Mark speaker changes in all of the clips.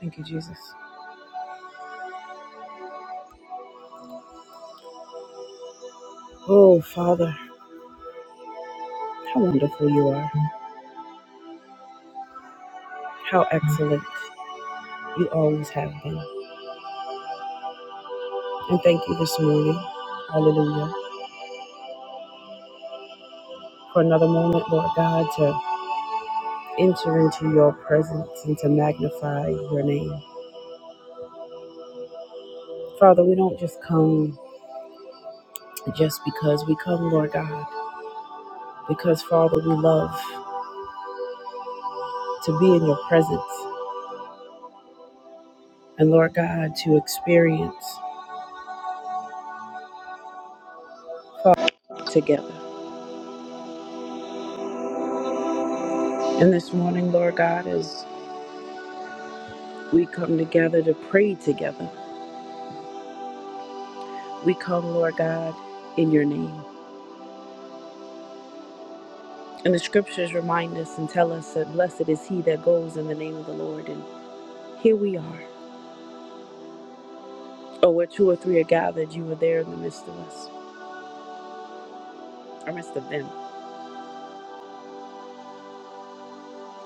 Speaker 1: Thank you, Jesus. Oh, Father, how wonderful you are. How excellent you always have been. And thank you this morning, hallelujah, for another moment, Lord God, to enter into your presence and to magnify your name. Father, we don't just come just because we come, Lord God, because, Father, we love to be in your presence and, Lord God, to experience Father together. And this morning, Lord God, as we come together to pray together. We come, Lord God, in your name. And the scriptures remind us and tell us that blessed is he that goes in the name of the Lord. And here we are. Oh, where two or three are gathered, you are there in the midst of us, or midst of them.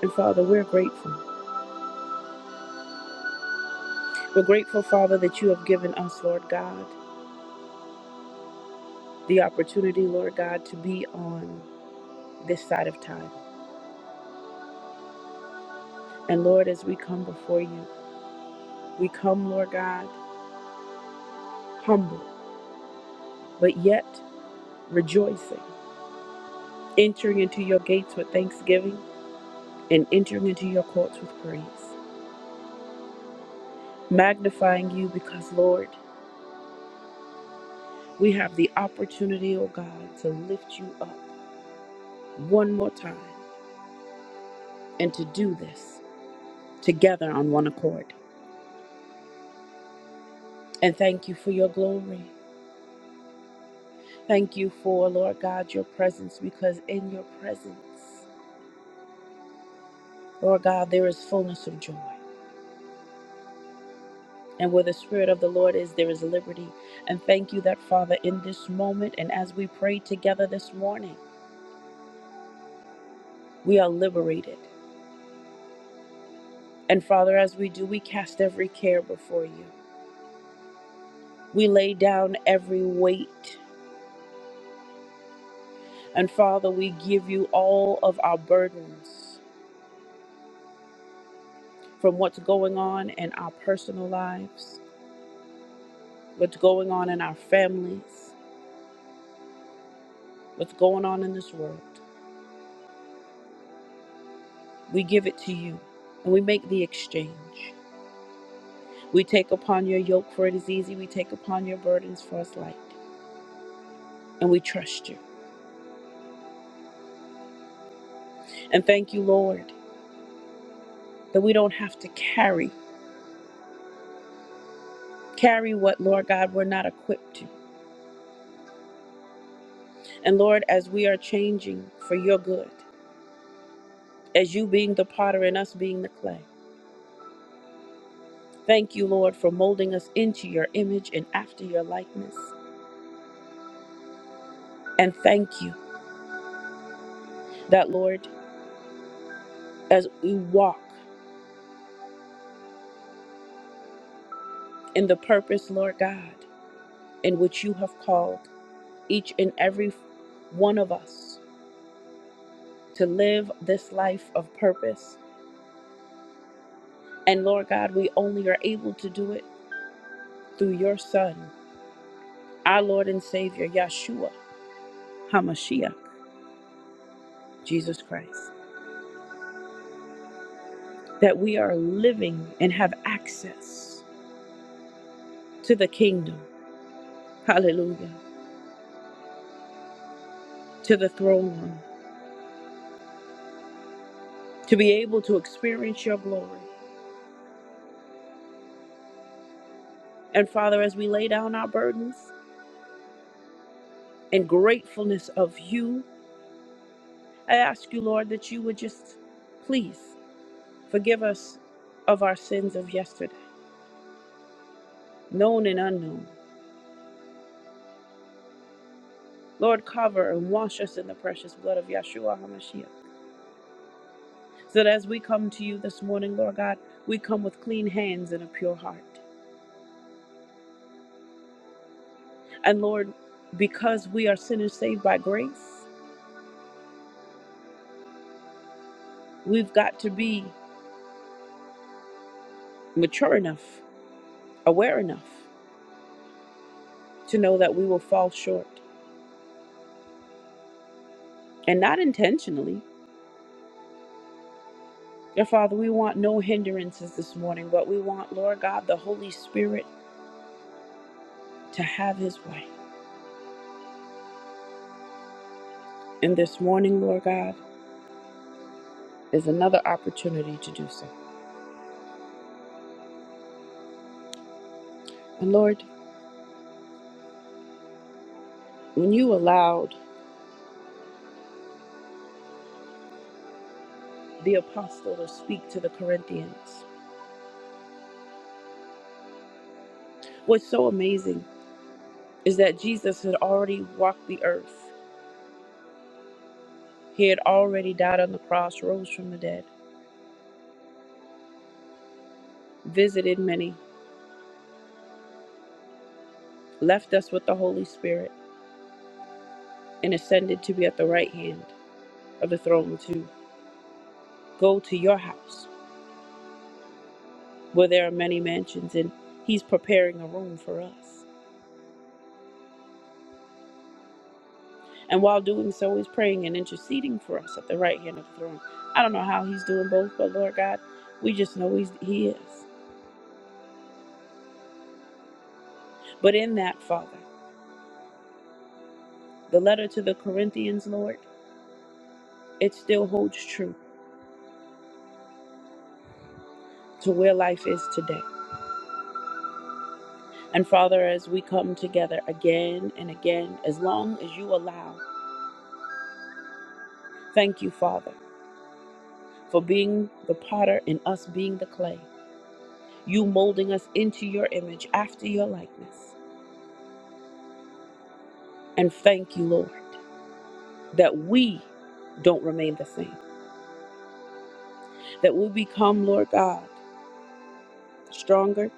Speaker 1: And Father, we're grateful. We're grateful, Father, that you have given us, Lord God, the opportunity, Lord God, to be on this side of time. And Lord, as we come before you, we come, Lord God, humble, but yet rejoicing, entering into your gates with thanksgiving and entering into your courts with praise, magnifying you because, Lord, we have the opportunity, oh God, to lift you up one more time and to do this together on one accord. And thank you for your glory. Thank you for, Lord God, your presence because in your presence, Lord God, there is fullness of joy. And where the Spirit of the Lord is, there is liberty. And thank you that, Father, in this moment and as we pray together this morning, we are liberated. And Father, as we do, we cast every care before you. We lay down every weight. And Father, we give you all of our burdens from what's going on in our personal lives, what's going on in our families, what's going on in this world. We give it to you and we make the exchange. We take upon your yoke, for it is easy. We take upon your burdens, for it's light. And we trust you. And thank you, Lord, that we don't have to carry. carry what, Lord God, we're not equipped to. And Lord, as we are changing for your good, as you being the potter and us being the clay, thank you, Lord, for molding us into your image and after your likeness. And thank you that, Lord, as we walk in the purpose, Lord God, in which you have called each and every one of us to live this life of purpose. And Lord God, we only are able to do it through your Son, our Lord and Savior, Yeshua. HaMashiach, Jesus Christ, that we are living and have access to the kingdom. Hallelujah. To the throne room, to be able to experience your glory. And Father, as we lay down our burdens in gratefulness of you, I ask you, Lord, that you would just please forgive us of our sins of yesterday, known and unknown. Lord, cover and wash us in the precious blood of Yeshua HaMashiach So that as we come to you this morning, Lord God, we come with clean hands and a pure heart. And Lord, because we are sinners saved by grace, we've got to be mature enough, aware enough to know that we will fall short and not intentionally. Dear Father, we want no hindrances this morning, but we want, Lord God, the Holy Spirit to have his way. And this morning, Lord God, is another opportunity to do so. And Lord, when you allowed the apostle to speak to the Corinthians, What's so amazing is that Jesus had already walked the earth. He had already died on the cross, rose from the dead, visited many, left us with the Holy Spirit, and ascended to be at the right hand of the throne to go to your house where there are many mansions, and He's preparing a room for us. And while doing so, He's praying and interceding for us at the right hand of the throne. I don't know how He's doing both, but Lord God, we just know he's, He is. But in that, Father, the letter to the Corinthians, Lord, it still holds true to where life is today. And Father, as we come together again and again, as long as you allow, thank you, Father, for being the potter and us being the clay, you molding us into your image after your likeness. And thank you, Lord, that we don't remain the same, that we become, Lord God, stronger,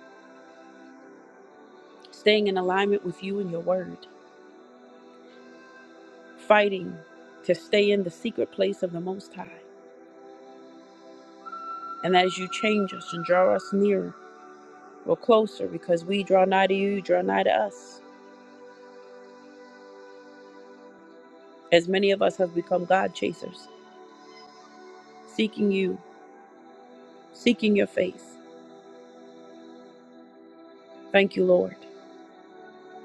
Speaker 1: staying in alignment with you and your word, fighting to stay in the secret place of the Most High And as you change us and draw us nearer or closer, because we draw nigh to you, you draw nigh to us. As many of us have become God chasers, seeking you, seeking your face. Thank you, Lord,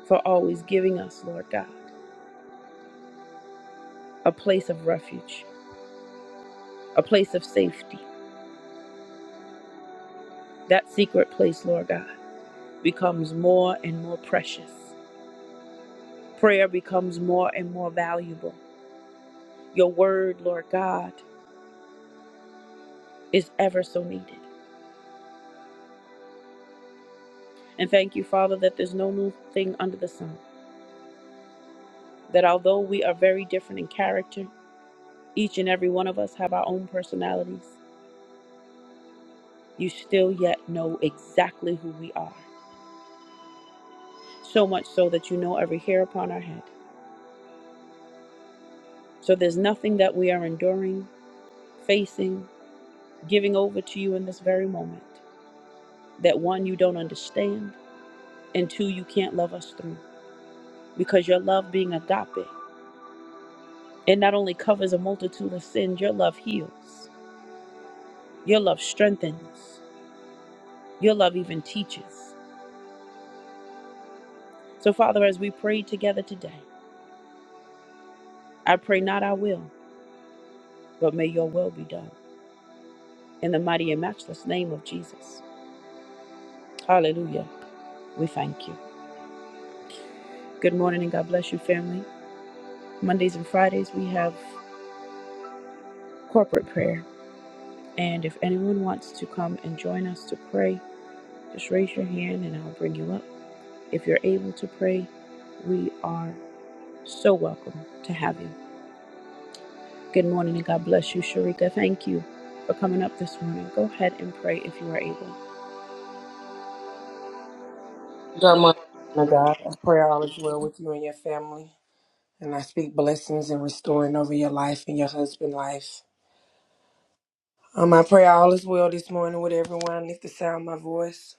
Speaker 1: for always giving us, Lord God, a place of refuge, a place of safety. That secret place, Lord God, becomes more and more precious. Prayer becomes more and more valuable. Your word, Lord God, is ever so needed. And thank you, Father, that there's no new thing under the sun. that although we are very different in character, each and every one of us have our own personalities, you still yet know exactly who we are. So much so that you know every hair upon our head. So there's nothing that we are enduring, facing, giving over to you in this very moment that one, you don't understand, and two, you can't love us through. Because your love being agape, it not only covers a multitude of sins, your love heals, your love strengthens, your love even teaches. So, Father, as we pray together today, I pray not our will, but may your will be done. In the mighty and matchless name of Jesus. Hallelujah. We thank you. Good morning and God bless you, family. Mondays and Fridays, we have corporate prayer. And if anyone wants to come and join us to pray, just raise your hand and I'll bring you up. If you're able to pray, we are so welcome to have you. Good morning and God bless you, Sharika. Thank you for coming up this morning. Go ahead and pray if you are able.
Speaker 2: Good morning, woman of God. I pray all is well with you and your family. And I speak blessings and restoring over your life and your husband's life. Um, I pray all is well this morning with everyone underneath the sound of my voice.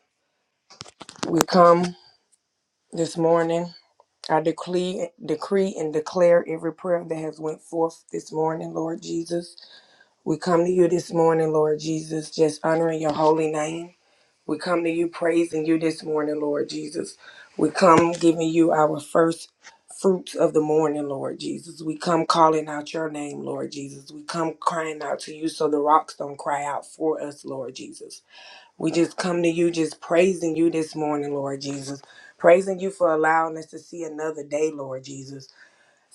Speaker 2: We come this morning. I decree, decree and declare every prayer that has went forth this morning, Lord Jesus. We come to you this morning, Lord Jesus, just honoring your holy name. We come to you praising you this morning, Lord Jesus. We come giving you our first fruits of the morning, Lord Jesus. We come calling out your name, Lord Jesus. We come crying out to you so the rocks don't cry out for us, Lord Jesus. We just come to you just praising you this morning, Lord Jesus. Praising you for allowing us to see another day, Lord Jesus.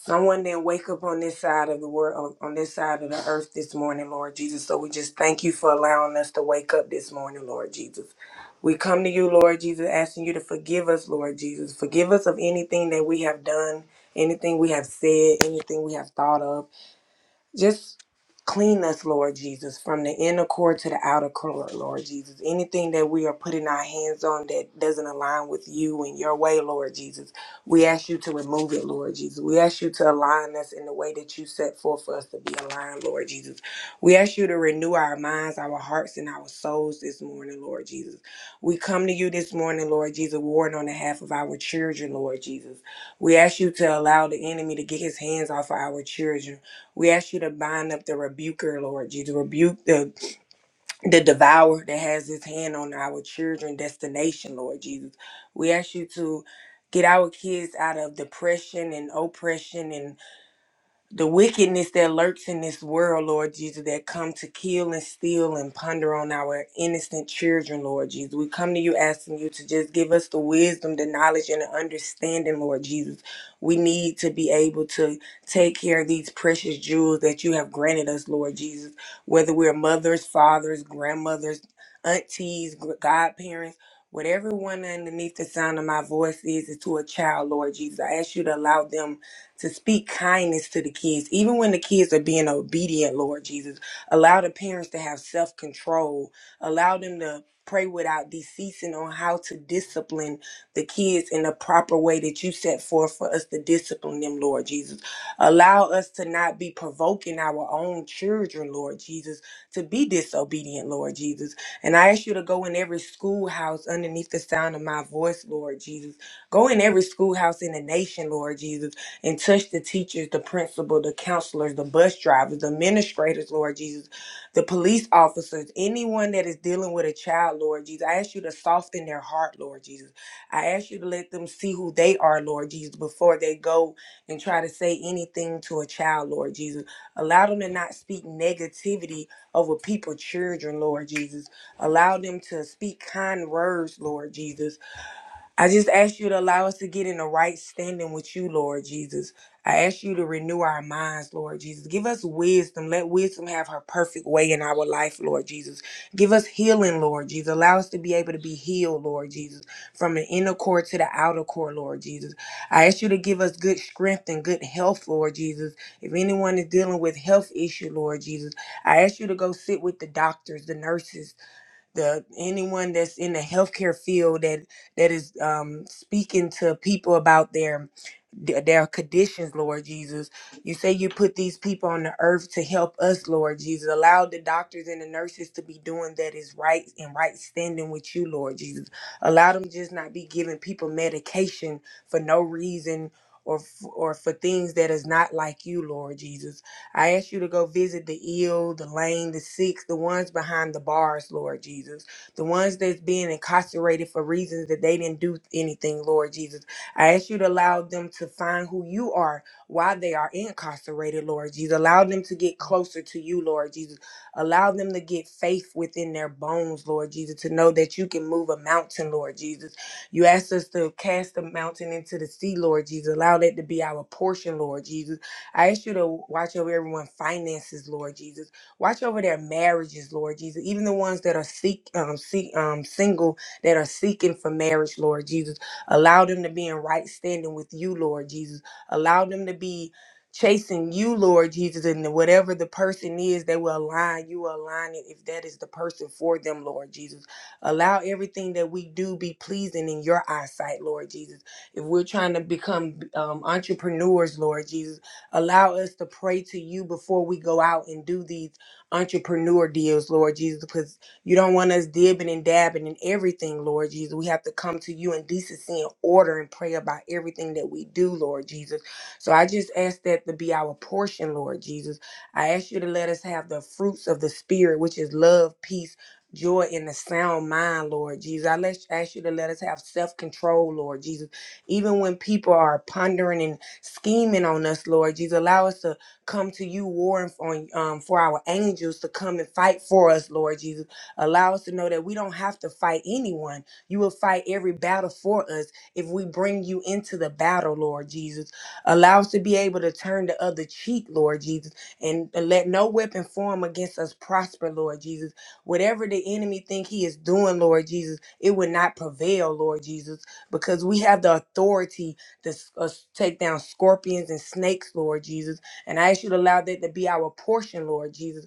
Speaker 2: Someone didn't wake up on this side of the world, on on this side of the earth this morning, Lord Jesus. So we just thank you for allowing us to wake up this morning, Lord Jesus. We come to you, Lord Jesus, asking you to forgive us, Lord Jesus. Forgive us of anything that we have done, anything we have said, anything we have thought of. Just clean us, Lord Jesus, from the inner core to the outer core, Lord Jesus. Anything that we are putting our hands on that doesn't align with you and your way, Lord Jesus, we ask you to remove it, Lord Jesus. We ask you to align us in the way that you set forth for us to be aligned, Lord Jesus. We ask you to renew our minds, our hearts, and our souls this morning, Lord Jesus. We come to you this morning, Lord Jesus, warring on behalf of our children, Lord Jesus. We ask you to allow the enemy to get his hands off of our children. We ask you to bind up the rebuker, Lord Jesus. Rebuke the, the devourer that has his hand on our children destination, Lord Jesus. We ask you to get our kids out of depression and oppression and the wickedness that lurks in this world, Lord Jesus, that come to kill and steal and ponder on our innocent children, Lord Jesus. We come to you asking you to just give us the wisdom, the knowledge, and the understanding, Lord Jesus. We need to be able to take care of these precious jewels that you have granted us, Lord Jesus, whether we're mothers, fathers, grandmothers, aunties, gr- godparents. Whatever one underneath the sound of my voice is, is to a child, Lord Jesus. I ask you to allow them to speak kindness to the kids, even when the kids are being obedient, Lord Jesus. Allow the parents to have self control. Allow them to pray without deceasing on how to discipline the kids in the proper way that you set forth for us to discipline them, Lord Jesus. Allow us to not be provoking our own children, Lord Jesus, to be disobedient, Lord Jesus. And I ask you to go in every schoolhouse underneath the sound of my voice, Lord Jesus. Go in every schoolhouse in the nation, Lord Jesus and touch the teachers, the principal, the counselors, the bus drivers, the administrators, Lord Jesus, the police officers, anyone that is dealing with a child, Lord Jesus. I ask you to soften their heart, Lord Jesus. I ask you to let them see who they are, Lord Jesus, before they go and try to say anything to a child, Lord Jesus. Allow them to not speak negativity over people, children, Lord Jesus. Allow them to speak kind words, Lord Jesus I just ask you to allow us to get in the right standing with you, Lord Jesus. I ask you to renew our minds, Lord Jesus. Give us wisdom. Let wisdom have her perfect way in our life, Lord Jesus. Give us healing, Lord Jesus. Allow us to be able to be healed, Lord Jesus, from the inner core to the outer core, Lord Jesus. I ask you to give us good strength and good health, Lord Jesus. If anyone is dealing with health issue, Lord Jesus, I ask you to go sit with the doctors, the nurses, the anyone that's in the healthcare field that that is um, speaking to people about their th- their conditions, Lord Jesus. You say you put these people on the earth to help us, Lord Jesus. Allow the doctors and the nurses to be doing that is right and right standing with you, Lord Jesus. Allow them just not be giving people medication for no reason. Or, f- or for things that is not like you, Lord Jesus. I ask you to go visit the ill, the lame, the sick, the ones behind the bars, Lord Jesus. The ones that's being incarcerated for reasons that they didn't do anything, Lord Jesus I ask you to allow them to find who you are while they are incarcerated, Lord Jesus. Allow them to get closer to you, Lord Jesus. Allow them to get faith within their bones, Lord Jesus, to know that you can move a mountain, Lord Jesus. You asked us to cast the mountain into the sea, Lord Jesus. Allow that to be our portion, Lord Jesus. I ask you to watch over everyone's finances, Lord Jesus. Watch over their marriages, Lord Jesus. Even the ones that are seek, um, seek, um, single that are seeking for marriage, Lord Jesus. Allow them to be in right standing with you, Lord Jesus. Allow them to be chasing you, Lord Jesus, and whatever the person is, they will align. You will align it if that is the person for them, Lord Jesus. Allow everything that we do be pleasing in your eyesight, Lord Jesus. If we're trying to become um, entrepreneurs, Lord Jesus, allow us to pray to you before we go out and do these entrepreneur deals, Lord Jesus, because. You don't want us dibbing and dabbing in everything, Lord Jesus. We have to come to you in decency and order and pray about everything that we do, Lord Jesus. So I just ask that to be our portion, Lord Jesus. I ask you to let us have the fruits of the Spirit, which is love, peace, joy, and a sound mind, Lord Jesus. I let, ask you to let us have self control, Lord Jesus. Even when people are pondering and scheming on us, Lord Jesus, allow us to come to you, warring for, um, for our angels to come and fight for us, Lord Jesus Allow us to know that we don't have to fight anyone. You will fight every battle for us if we bring you into the battle, Lord Jesus. Allow us to be able to turn the other cheek, Lord Jesus, and let no weapon form against us prosper, Lord Jesus. Whatever the enemy think he is doing, Lord Jesus, it would not prevail, Lord Jesus, because we have the authority to uh, take down scorpions and snakes, Lord Jesus. And I ask you to allow that to be our portion, Lord Jesus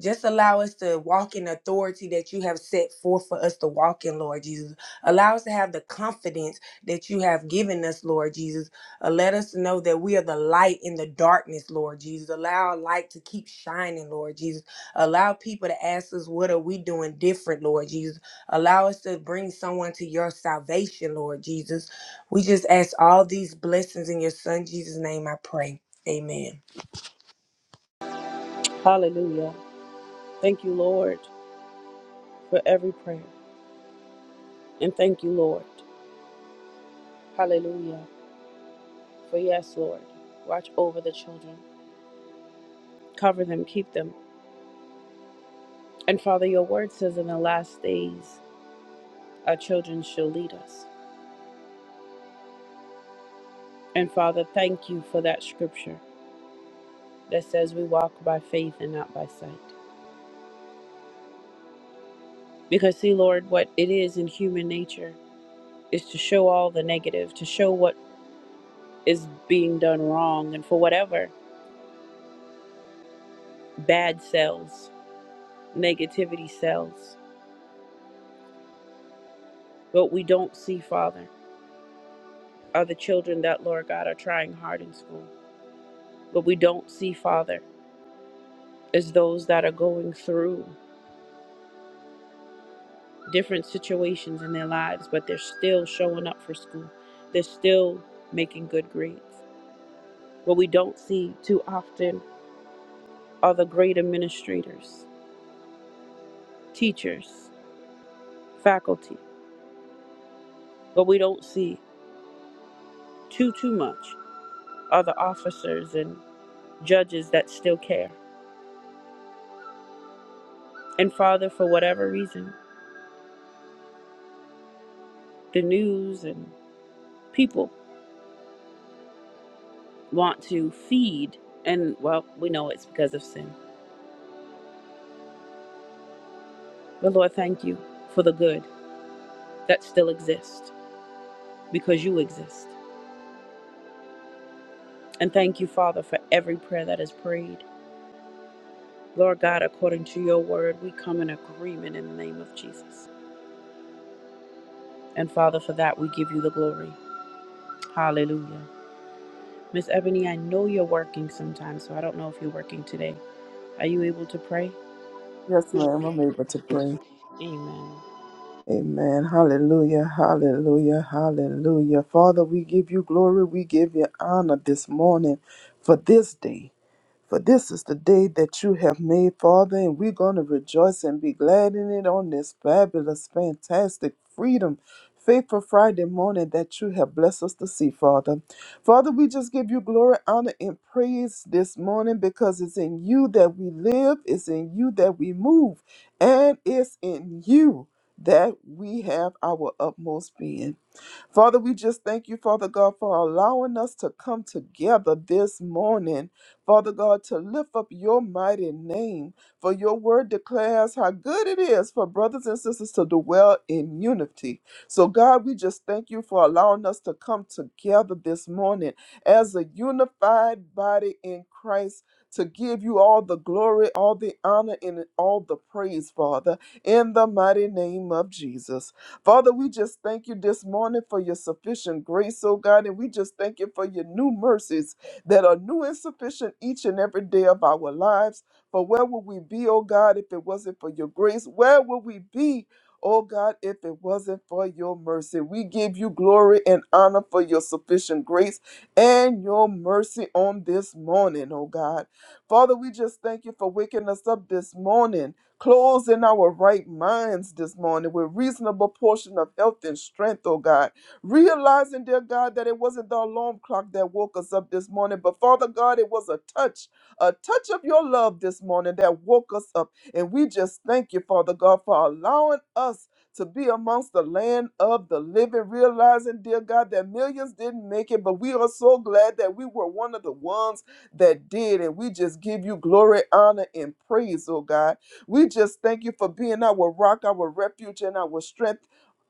Speaker 2: just allow us to walk in authority that you have set forth for us to walk in, Lord Jesus. Allow us to have the confidence that you have given us, Lord Jesus. Uh, let us know that we are the light in the darkness, Lord Jesus. Allow our light to keep shining, Lord Jesus. Allow people to ask us, what are we doing different, Lord Jesus? Allow us to bring someone to your salvation, Lord Jesus. We just ask all these blessings in your son Jesus' name, I pray. Amen.
Speaker 1: Hallelujah. Thank you, Lord, for every prayer. And thank you, Lord. Hallelujah. For yes, Lord, watch over the children, cover them, keep them. And Father, your word says in the last days, our children shall lead us. And Father, thank you for that scripture that says we walk by faith and not by sight. Because, see, Lord, what it is in human nature is to show all the negative, to show what is being done wrong, and for whatever bad cells negativity sells. What we don't see, Father, are the children that, Lord God, are trying hard in school. What we don't see, Father, is those that are going through different situations in their lives, but they're still showing up for school. They're still making good grades. What we don't see too often are the great administrators, teachers, faculty. What we don't see too, too much are the officers and judges that still care. And Father, for whatever reason, the news and people want to feed. And well, we know it's because of sin. But Lord, thank you for the good that still exists because you exist. And thank you, Father, for every prayer that is prayed. Lord God, according to your word, we come in agreement in the name of Jesus. And Father, for that, we give you the glory. Hallelujah. Miss Ebony, I know you're working sometimes, so I don't know if you're working today. Are you able to pray?
Speaker 3: Yes, ma'am, I'm able to pray.
Speaker 1: Amen.
Speaker 3: Amen. Hallelujah. Hallelujah. Hallelujah. Father, we give you glory. We give you honor this morning for this day. For this is the day that you have made, Father, and we're going to rejoice and be glad in it on this fabulous, fantastic freedom. Faithful Friday morning that you have blessed us to see, Father. Father, we just give you glory, honor, and praise this morning because it's in you that we live, it's in you that we move, and it's in you that we have our utmost being. Father, we just thank you, Father God, for allowing us to come together this morning, Father God, to lift up your mighty name. For your word declares how good it is for brothers and sisters to dwell in unity. So, God, we just thank you for allowing us to come together this morning as a unified body in Christ. To give you all the glory, all the honor, and all the praise, Father, in the mighty name of Jesus. Father, we just thank you this morning for your sufficient grace, oh God, and we just thank you for your new mercies that are new and sufficient each and every day of our lives. For where would we be, oh God, if it wasn't for your grace? Where would we be? Oh God, if it wasn't for your mercy, we give you glory and honor for your sufficient grace and your mercy on this morning, oh God. Father, we just thank you for waking us up this morning Clothes in our right minds this morning with reasonable portion of health and strength, oh God. Realizing, dear God, that it wasn't the alarm clock that woke us up this morning, but Father God, it was a touch, a touch of your love this morning that woke us up. And we just thank you, Father God, for allowing us to be amongst the land of the living, realizing, dear God, that millions didn't make it, but we are so glad that we were one of the ones that did. And we just give you glory, honor, and praise, oh God. We just thank you for being our rock, our refuge, and our strength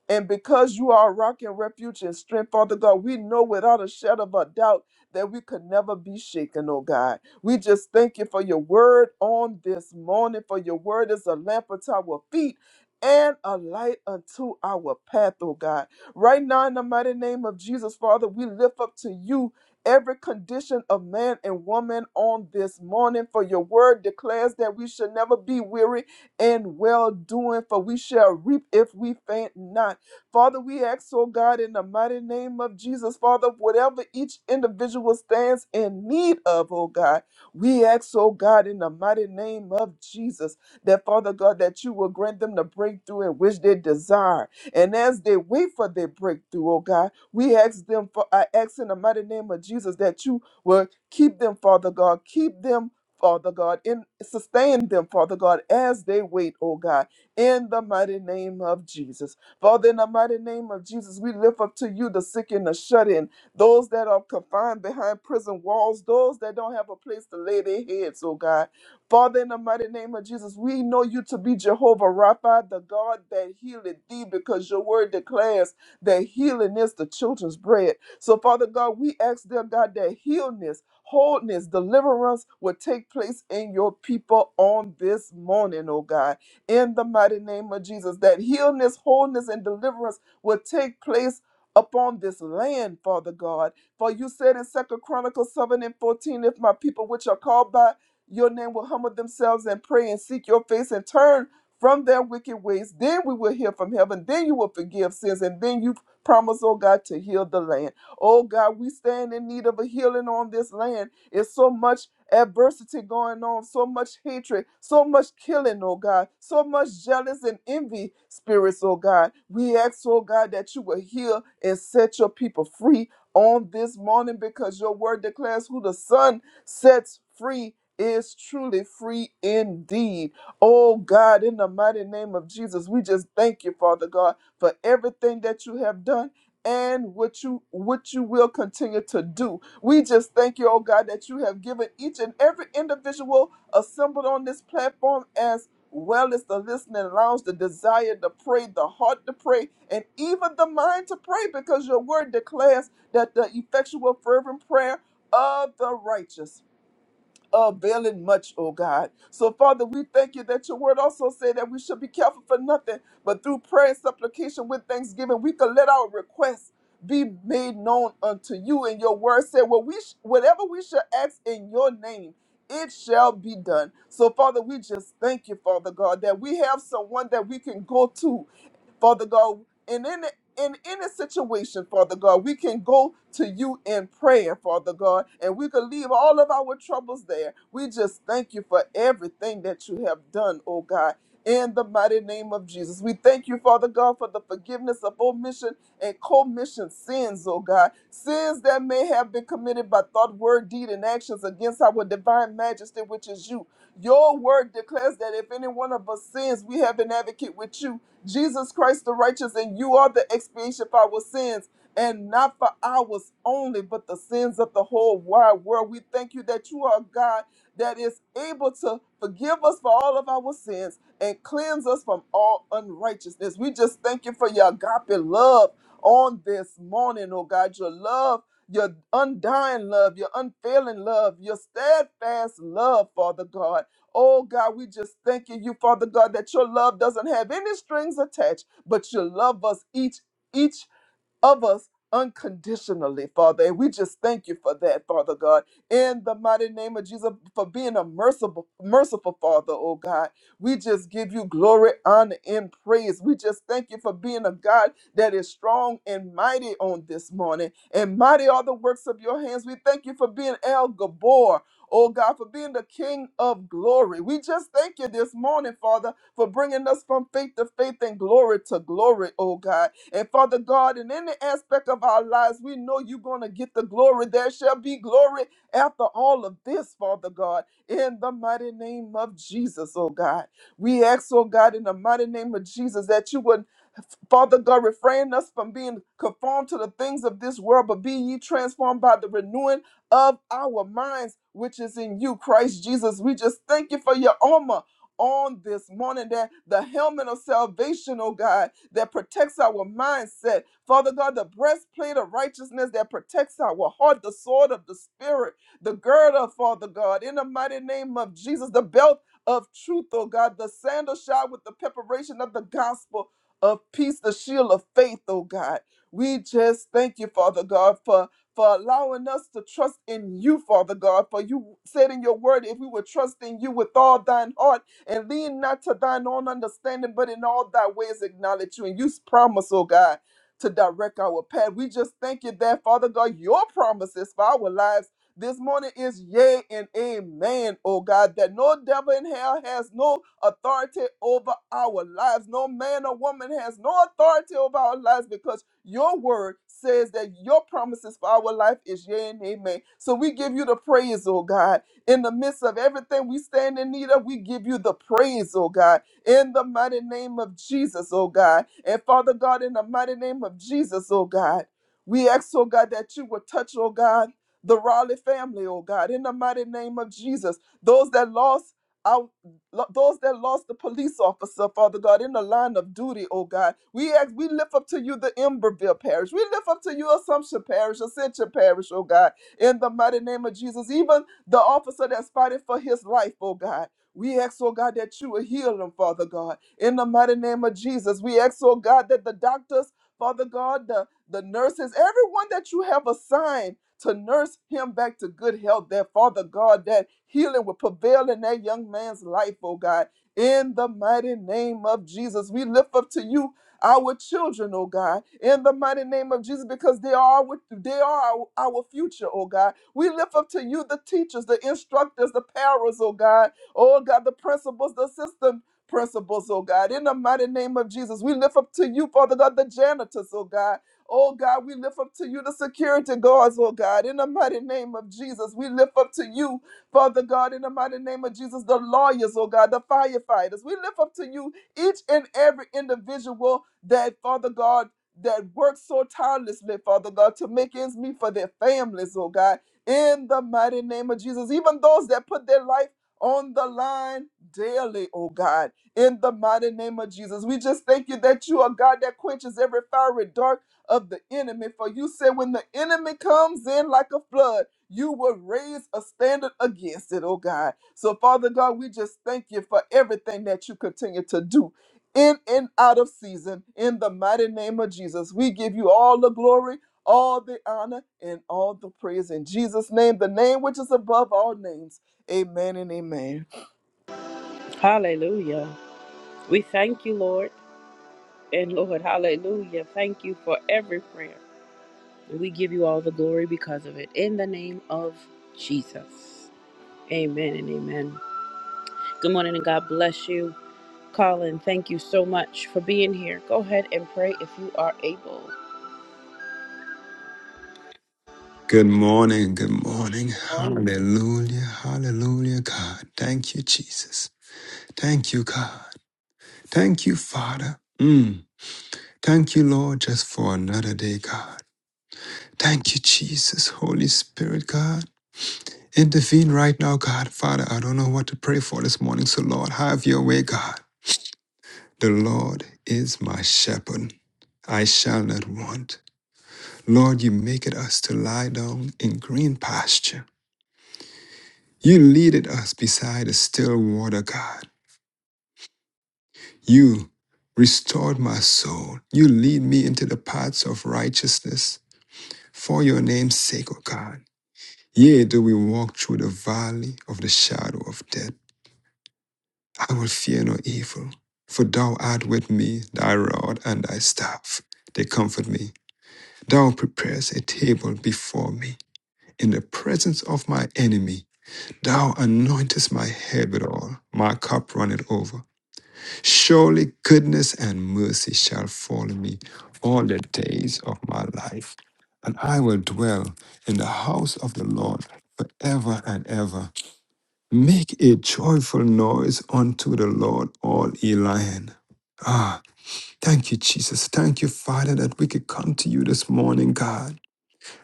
Speaker 3: and because you are a rock and refuge and strength, Father God, we know without a shadow of a doubt that we could never be shaken, oh God. We just thank you for your word on this morning, for your word is a lamp unto our feet and a light unto our path, oh God. Right now, in the mighty name of Jesus, Father, we lift up to you every condition of man and woman on this morning, for your word declares that we should never be weary in well doing, for we shall reap if we faint not. Father, we ask, oh God, in the mighty name of Jesus, Father, whatever each individual stands in need of, oh God, we ask, oh God, in the mighty name of Jesus, that Father God, that you will grant them the breakthrough in which they desire. And as they wait for their breakthrough, oh God, we ask them for I ask in the mighty name of Jesus that you will keep them, Father God, keep them. Father God, and sustain them, Father God, as they wait, oh God, in the mighty name of Jesus. Father, in the mighty name of Jesus, we lift up to you the sick and the shut in, those that are confined behind prison walls, those that don't have a place to lay their heads, oh God. Father, in the mighty name of Jesus, we know you to be Jehovah Rapha, the God that healeth thee, because your word declares that healing is the children's bread. So, Father God, we ask, dear God, that healness, wholeness, deliverance will take place in your people on this morning, oh God in the mighty name of Jesus, that healness, wholeness, and deliverance will take place upon this land, Father God. For you said in Second Chronicles 7 and 14, if my people which are called by your name will humble themselves and pray and seek your face and turn from their wicked ways, then we will hear from heaven, then you will forgive sins, and then you promise, oh God, to heal the land. Oh God, we stand in need of a healing on this land. It's so much adversity going on, so much hatred, so much killing, oh God, so much jealous and envy spirits, oh God. We ask, oh God, that you will heal and set your people free on this morning because your word declares who the Son sets free is truly free indeed. Oh God, in the mighty name of Jesus, we just thank you, Father God, for everything that you have done and what you what you will continue to do we just thank you, oh God, that you have given each and every individual assembled on this platform as well as the listening lounge, the desire to pray, the heart to pray, and even the mind to pray, because your word declares that the effectual fervent prayer of the righteous availing much, O God. So, Father, we thank you that your word also said that we should be careful for nothing, but through prayer and supplication with thanksgiving, we can let our requests be made known unto you. And your word said, well, we sh- whatever we shall ask in your name, it shall be done. So, Father, we just thank you, Father God, that we have someone that we can go to Father God, and in in any situation, Father God, we can go to you in prayer, Father God, and we can leave all of our troubles there. We just thank you for everything that you have done, oh God. In the mighty name of Jesus, we thank you, Father God, for the forgiveness of omission and commission sins, oh God. Sins that may have been committed by thought, word, deed, and actions against our divine majesty, which is you. Your word declares that if any one of us sins, we have an advocate with you Jesus Christ the righteous, and you are the expiation for our sins, and not for ours only, but the sins of the whole wide world. We thank you that you are God that is able to forgive us for all of our sins and cleanse us from all unrighteousness. We just thank you for your agape love on this morning, oh God. Your love, your undying love, your unfailing love, your steadfast love, Father God. Oh God, we just thanking you, Father God, that your love doesn't have any strings attached, but you love us each. Each of us unconditionally, Father. And we just thank you for that, Father God. In the mighty name of Jesus, for being a merciful, merciful Father, oh God. We just give you glory, honor, and praise. We just thank you for being a God that is strong and mighty on this morning. And mighty are the works of your hands. We thank you for being El Gabor. Oh God, for being the King of glory. We just thank you this morning, Father, for bringing us from faith to faith and glory to glory, oh God. And Father God, in any aspect of our lives, we know you're going to get the glory. There shall be glory after all of this, Father God, in the mighty name of Jesus, oh God. We ask, oh God, in the mighty name of Jesus, that you would Father God, refrain us from being conformed to the things of this world, but be ye transformed by the renewing of our minds, which is in you, Christ Jesus. We just thank you for your armor on this morning that the helmet of salvation, oh God, that protects our mindset. Father God, the breastplate of righteousness that protects our heart, the sword of the spirit, the girdle, Father God, in the mighty name of Jesus, the belt of truth, oh God, the sandal shod with the preparation of the gospel of peace, the shield of faith, oh God. We just thank you, Father God, for, for allowing us to trust in you, Father God. For you said in your word, if we would trust in you with all thine heart and lean not to thine own understanding, but in all thy ways acknowledge you. And you promise, oh God, to direct our path. We just thank you that, Father God, your promises for our lives this morning is yea and amen, oh God, that no devil in hell has no authority over our lives. No man or woman has no authority over our lives because your word says that your promises for our life is yea and amen. So we give you the praise, oh God. In the midst of everything we stand in need of, we give you the praise, oh God in the mighty name of Jesus, oh God. And Father God, in the mighty name of Jesus, oh God, we ask, oh God, that you will touch, oh God the Raleigh family, oh God, in the mighty name of Jesus. Those that lost our, lo- those that lost the police officer, Father God, in the line of duty, oh God. We ask, we lift up to you the Emberville Parish. We lift up to you Assumption Parish, Ascension Parish, oh God, in the mighty name of Jesus. Even the officer that's fighting for his life, oh God. We ask, oh God, that you will heal him, Father God, in the mighty name of Jesus. We ask, oh God, that the doctors, Father God, the, the nurses, everyone that you have assigned to nurse him back to good health, that Father God, that healing will prevail in that young man's life, oh God. In the mighty name of Jesus, we lift up to you our children, oh God, in the mighty name of Jesus, because they are with, they are our, our future, oh God. We lift up to you the teachers, the instructors, the parents, oh God, oh God, the principals, the system principles, oh God, in the mighty name of Jesus. We lift up to you, Father God, the janitors, oh God. Oh God, we lift up to you the security guards, oh God, in the mighty name of Jesus. We lift up to you, Father God, in the mighty name of Jesus, the lawyers, oh God, the firefighters. We lift up to you each and every individual that, Father God, that works so tirelessly, Father God, to make ends meet for their families, oh God, in the mighty name of Jesus. Even those that put their life on the line daily, oh God in the mighty name of Jesus. We just thank you that you are God that quenches every fiery dart of the enemy. For you said, when the enemy comes in like a flood, you will raise a standard against it, oh God. So, Father God, we just thank you for everything that you continue to do in and out of season. In the mighty name of Jesus, we give you all the glory, all the honor, and all the praise. In Jesus' name, the name which is above all names. Amen and amen.
Speaker 1: Hallelujah. We thank you, Lord. And Lord, hallelujah. Thank you for every prayer. And we give you all the glory because of it. In the name of Jesus. Amen and amen. Good morning and God bless you. Colin, thank you so much for being here. Go ahead and pray if you are able.
Speaker 4: Good morning. Good morning.
Speaker 1: Good morning.
Speaker 4: Hallelujah. Hallelujah, God. Thank you, Jesus. Thank you, God. Thank you, Father. Mm. Thank you, Lord, just for another day, God. Thank you, Jesus. Holy Spirit, God. Intervene right now, God. Father, I don't know what to pray for this morning, so Lord, have your way, God. The Lord is my shepherd. I shall not want. Lord, you make it us to lie down in green pasture. You leaded us beside the still water, God. You restored my soul. You lead me into the paths of righteousness for your name's sake, O God. Yea, though we walk through the valley of the shadow of death, I will fear no evil. For thou art with me, thy rod and thy staff. They comfort me. Thou preparest a table before me in the presence of my enemy. Thou anointest my head with oil. My cup runneth over. Surely goodness and mercy shall follow me all the days of my life, and I will dwell in the house of the Lord forever and ever. Make a joyful noise unto the Lord, all ye lion. Ah, thank you, Jesus. Thank you, Father, that we could come to you this morning, God,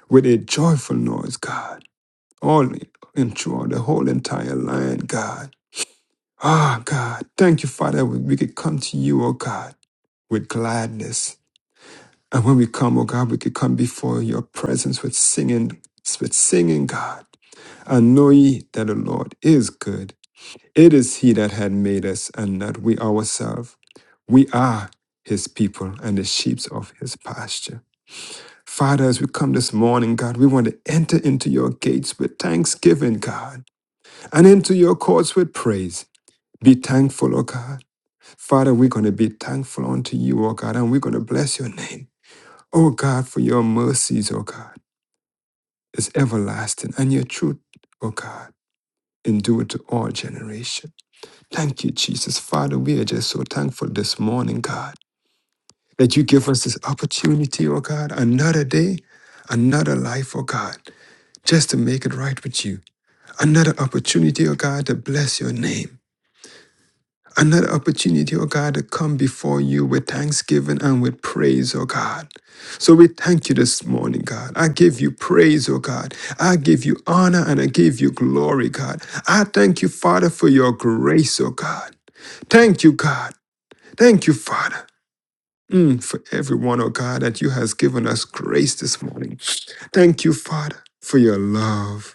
Speaker 4: with a joyful noise, God, all and throughout the whole entire lion, God. Ah, God, thank you, Father, we we could come to you, oh God with gladness. And when we come, oh God, we could come before your presence with singing, with singing, God. And know ye that the Lord is good. It is he that had made us and not we ourselves. We are his people and the sheep of his pasture. Father, as we come this morning, God, we want to enter into your gates with thanksgiving, God, and into your courts with praise. Be thankful, O God. Father, we're going to be thankful unto you, O God, and we're going to bless your name. O God, for your mercies, O God, is everlasting, and your truth, O God, endure to all generation. Thank you, Jesus. Father, we are just so thankful this morning, God, that you give us this opportunity, O God, another day, another life, O God, just to make it right with you. Another opportunity, O God, to bless your name. Another opportunity, oh God, to come before you with thanksgiving and with praise, oh God. So we thank you this morning, God. I give you praise, oh God. I give you honor and I give you glory, God. I thank you, Father, for your grace, oh God. Thank you, God. Thank you, Father. Mm, for everyone, oh God, that you has given us grace this morning. Thank you, Father, for your love.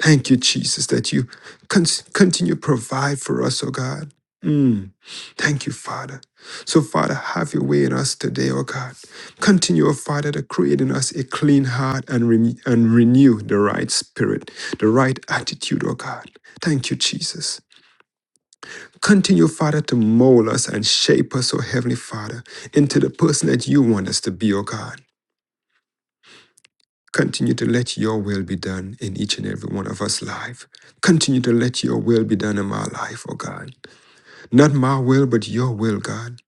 Speaker 4: Thank you, Jesus, that you con- continue to provide for us, oh God. Mm. Thank you, Father. So, Father, have your way in us today, oh God. Continue, oh Father, to create in us a clean heart and, re- and renew the right spirit, the right attitude, oh God. Thank you, Jesus. Continue, Father, to mold us and shape us, oh Heavenly Father, into the person that you want us to be, oh God. Continue to let your will be done in each and every one of us life. Continue to let your will be done in my life, oh God. Not my will, but your will, God.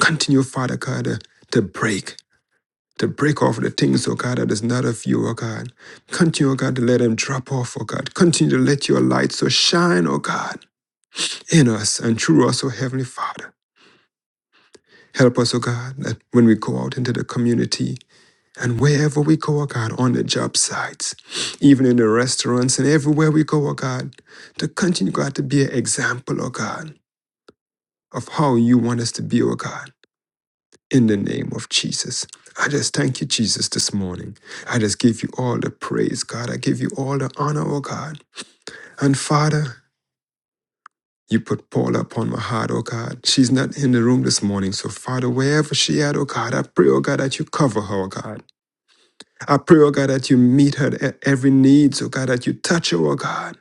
Speaker 4: Continue, Father God, to, to break, to break off the things, oh God, that is not of you, oh God. Continue, oh God, to let them drop off, oh God. Continue to let your light so shine, oh God, in us and through us, oh Heavenly Father. Help us, oh God, that when we go out into the community, And wherever we go, oh God, on the job sites, even in the restaurants and everywhere we go, oh God, to continue, God, to be an example, oh God, of how you want us to be, oh God, in the name of Jesus. I just thank you, Jesus, this morning. I just give you all the praise, God. I give you all the honor, oh God. And Father, you put Paula upon my heart, oh God. She's not in the room this morning. So, Father, wherever she at, oh God, I pray, oh God, that you cover her, oh God. I pray, oh God, that you meet her at every need, so God, that you touch her, oh God.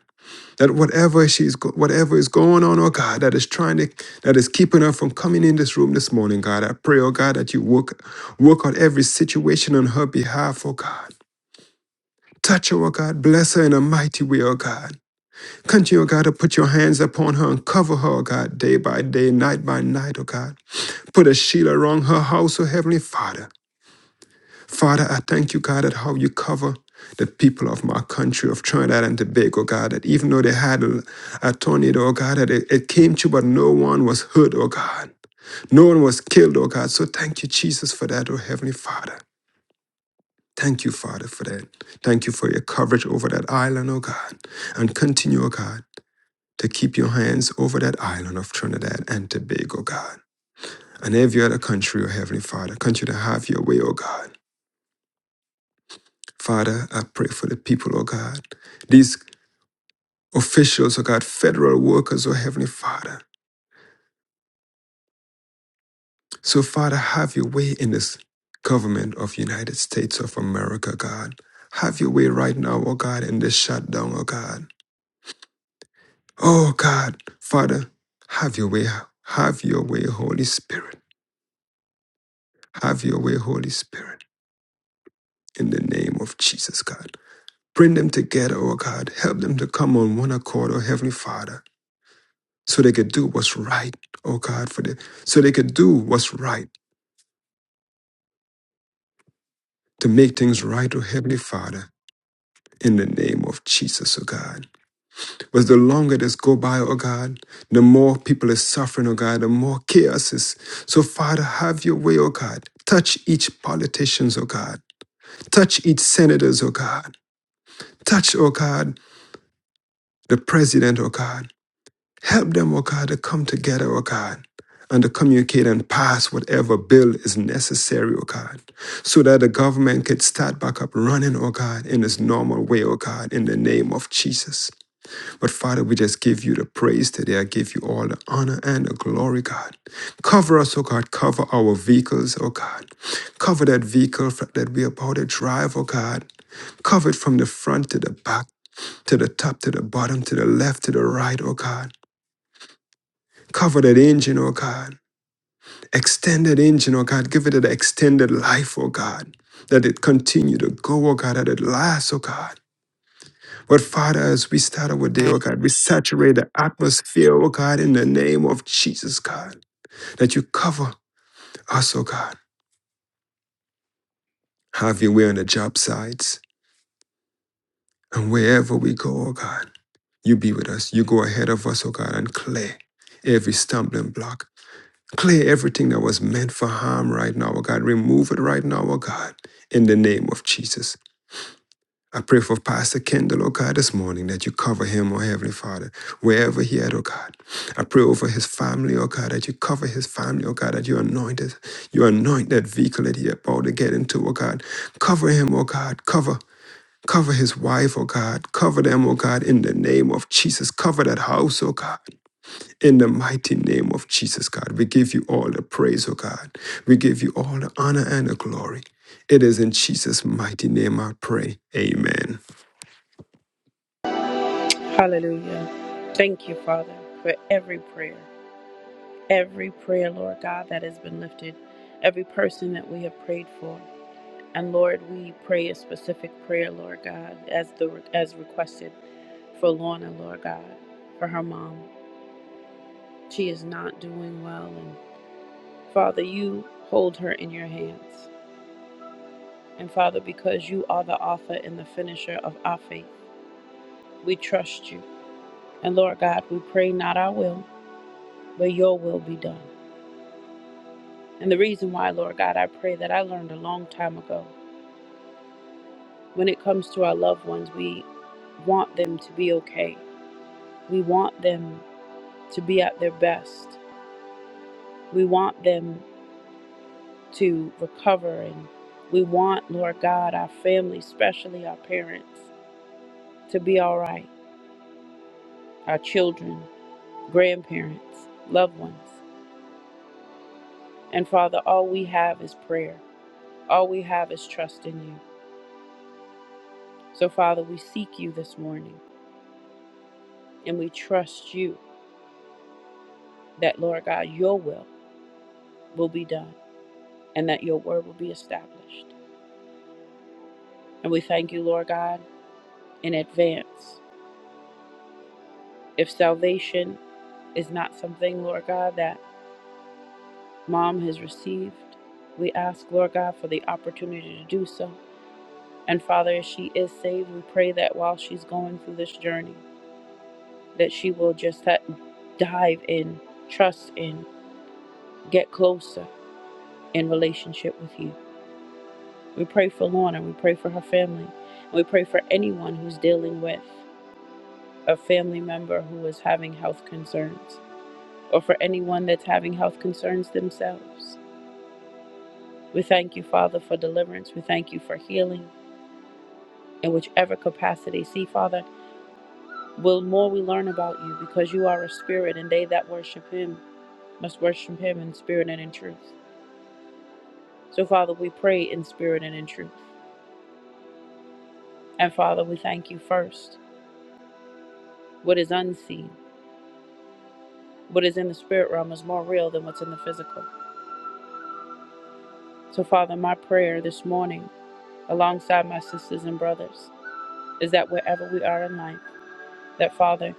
Speaker 4: That whatever she's go- whatever is going on, oh God, that is trying to that is keeping her from coming in this room this morning, God. I pray, oh God, that you work work out every situation on her behalf, oh God. Touch her, oh God. Bless her in a mighty way, oh God. Continue, oh God, to put your hands upon her and cover her, oh God, day by day, night by night, oh God. Put a shield around her house, oh Heavenly Father. Father, I thank you, God, that how you cover the people of my country of Trinidad and Tobago, God, that even though they had a, a tornado, oh God, that it, it came to, but no one was hurt, oh God. No one was killed, oh God. So thank you, Jesus, for that, oh Heavenly Father. Thank you, Father, for that. Thank you for your coverage over that island, oh God. And continue, oh God, to keep your hands over that island of Trinidad and Tobago, God. And every other country, oh Heavenly Father, country to have your way, oh God. Father, I pray for the people, oh God, these officials, oh God, federal workers, oh Heavenly Father. So, Father, have your way in this government of United States of America, God. Have your way right now, oh God, in this shutdown, oh God. Oh God, Father, have your way. Have your way, Holy Spirit. Have your way, Holy Spirit, in the name of Jesus, God. Bring them together, oh God. Help them to come on one accord, oh Heavenly Father. so they could do what's right, oh God, for them, so they could do what's right to make things right, oh Heavenly Father, in the name of Jesus, oh God. But the longer this go by, oh God, the more people are suffering, oh God, the more chaos is. So Father, have your way, oh God. Touch each politicians, oh God. Touch each senators, oh God. Touch, oh God, the president, oh God. Help them, O God, to come together, O God, and to communicate and pass whatever bill is necessary, O God, so that the government could start back up running, O God, in its normal way, O God, in the name of Jesus. But Father, we just give you the praise today. I give you all the honor and the glory, God. Cover us, O God. Cover our vehicles, O God. Cover that vehicle that we are about to drive, O God. Cover it from the front to the back, to the top, to the bottom, to the left, to the right, O God. Cover that engine, oh God. Extend that engine, oh God. Give it an extended life, oh God. That it continue to go, oh God, that it lasts, oh God. But Father, as we start our day, oh God, we saturate the atmosphere, oh God, in the name of Jesus, God. That you cover us, oh God. Have your way on the job sites and wherever we go, oh God. You be with us. You go ahead of us, oh God, and clear every stumbling block Clear everything that was meant for harm right now, oh God. Remove it right now, oh God, in the name of Jesus. I pray for Pastor Kendall, oh God, this morning that you cover him, oh Heavenly Father, wherever he at, oh God. I pray over his family, oh God, that you cover his family, oh God, that you anoint it. You anoint that vehicle that he about to get into, oh God. Cover him, oh God. Cover. Cover his wife, oh God. Cover them, oh God, in the name of Jesus. Cover that house, oh God. In the mighty name of Jesus, God, we give you all the praise, oh God. We give you all the honor and the glory. It is in Jesus' mighty name I pray. Amen.
Speaker 1: Hallelujah. Thank you, Father, for every prayer. Every prayer, Lord God, that has been lifted. Every person that we have prayed for. And Lord, we pray a specific prayer, Lord God, as the as requested for Lorna, Lord God, for her mom. She is not doing well, and Father, you hold her in your hands. And Father, because you are the author and the finisher of our faith, we trust you. And Lord God, we pray not our will, but your will be done. And the reason why, Lord God, I pray that I learned a long time ago. When it comes to our loved ones, we want them to be okay. We want them to be at their best. We want them to recover and we want, Lord God, our family, especially our parents, to be all right, our children, grandparents, loved ones. And Father, all we have is prayer. All we have is trust in you. So, Father, we seek you this morning and we trust you that, Lord God, your will will be done and that your word will be established. And we thank you, Lord God, in advance. If salvation is not something, Lord God, that mom has received. We ask, Lord God, for the opportunity to do so. And Father, as she is saved, we pray that while she's going through this journey, that she will just dive in, trust in, get closer in relationship with you. We pray for Lorna. We pray for her family. And we pray for anyone who's dealing with a family member who is having health concerns or for anyone that's having health concerns themselves. We thank you, Father, for deliverance. We thank you for healing in whichever capacity. See, Father, will more we learn about you because you are a spirit and they that worship him must worship him in spirit and in truth. So, Father, we pray in spirit and in truth. And, Father, we thank you first. What is unseen, what is in the spirit realm is more real than what's in the physical. So, Father, my prayer this morning, alongside my sisters and brothers, is that wherever we are in life, that, Father,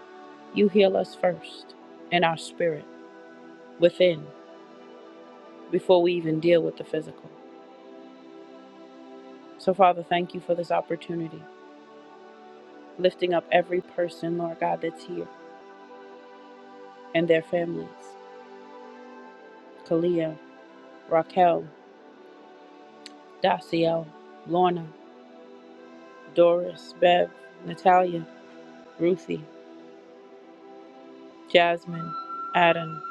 Speaker 1: you heal us first in our spirit within before we even deal with the physical. So, Father, thank you for this opportunity, lifting up every person, Lord God, that's here and their families Kalia, Raquel, Daciel, Lorna, Doris, Bev, Natalia, Ruthie, Jasmine, Adam,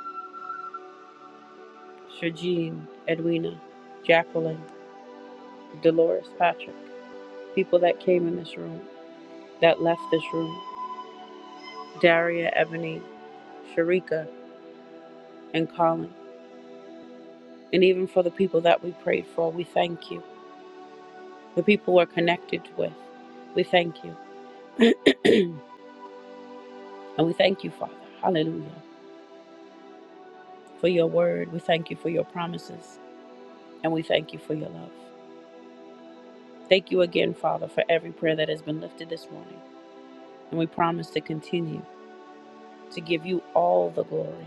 Speaker 1: Shajin, Edwina, Jacqueline, Dolores Patrick, people that came in this room, that left this room, Daria, Ebony, Sharika, and Colin And even for the people that we prayed for, we thank you. The people we're connected with, we thank you. and we thank you, Father. Hallelujah. For your word. We thank you for your promises. And we thank you for your love. Thank you again, Father, for every prayer that has been lifted this morning. And we promise to continue to give you all the glory,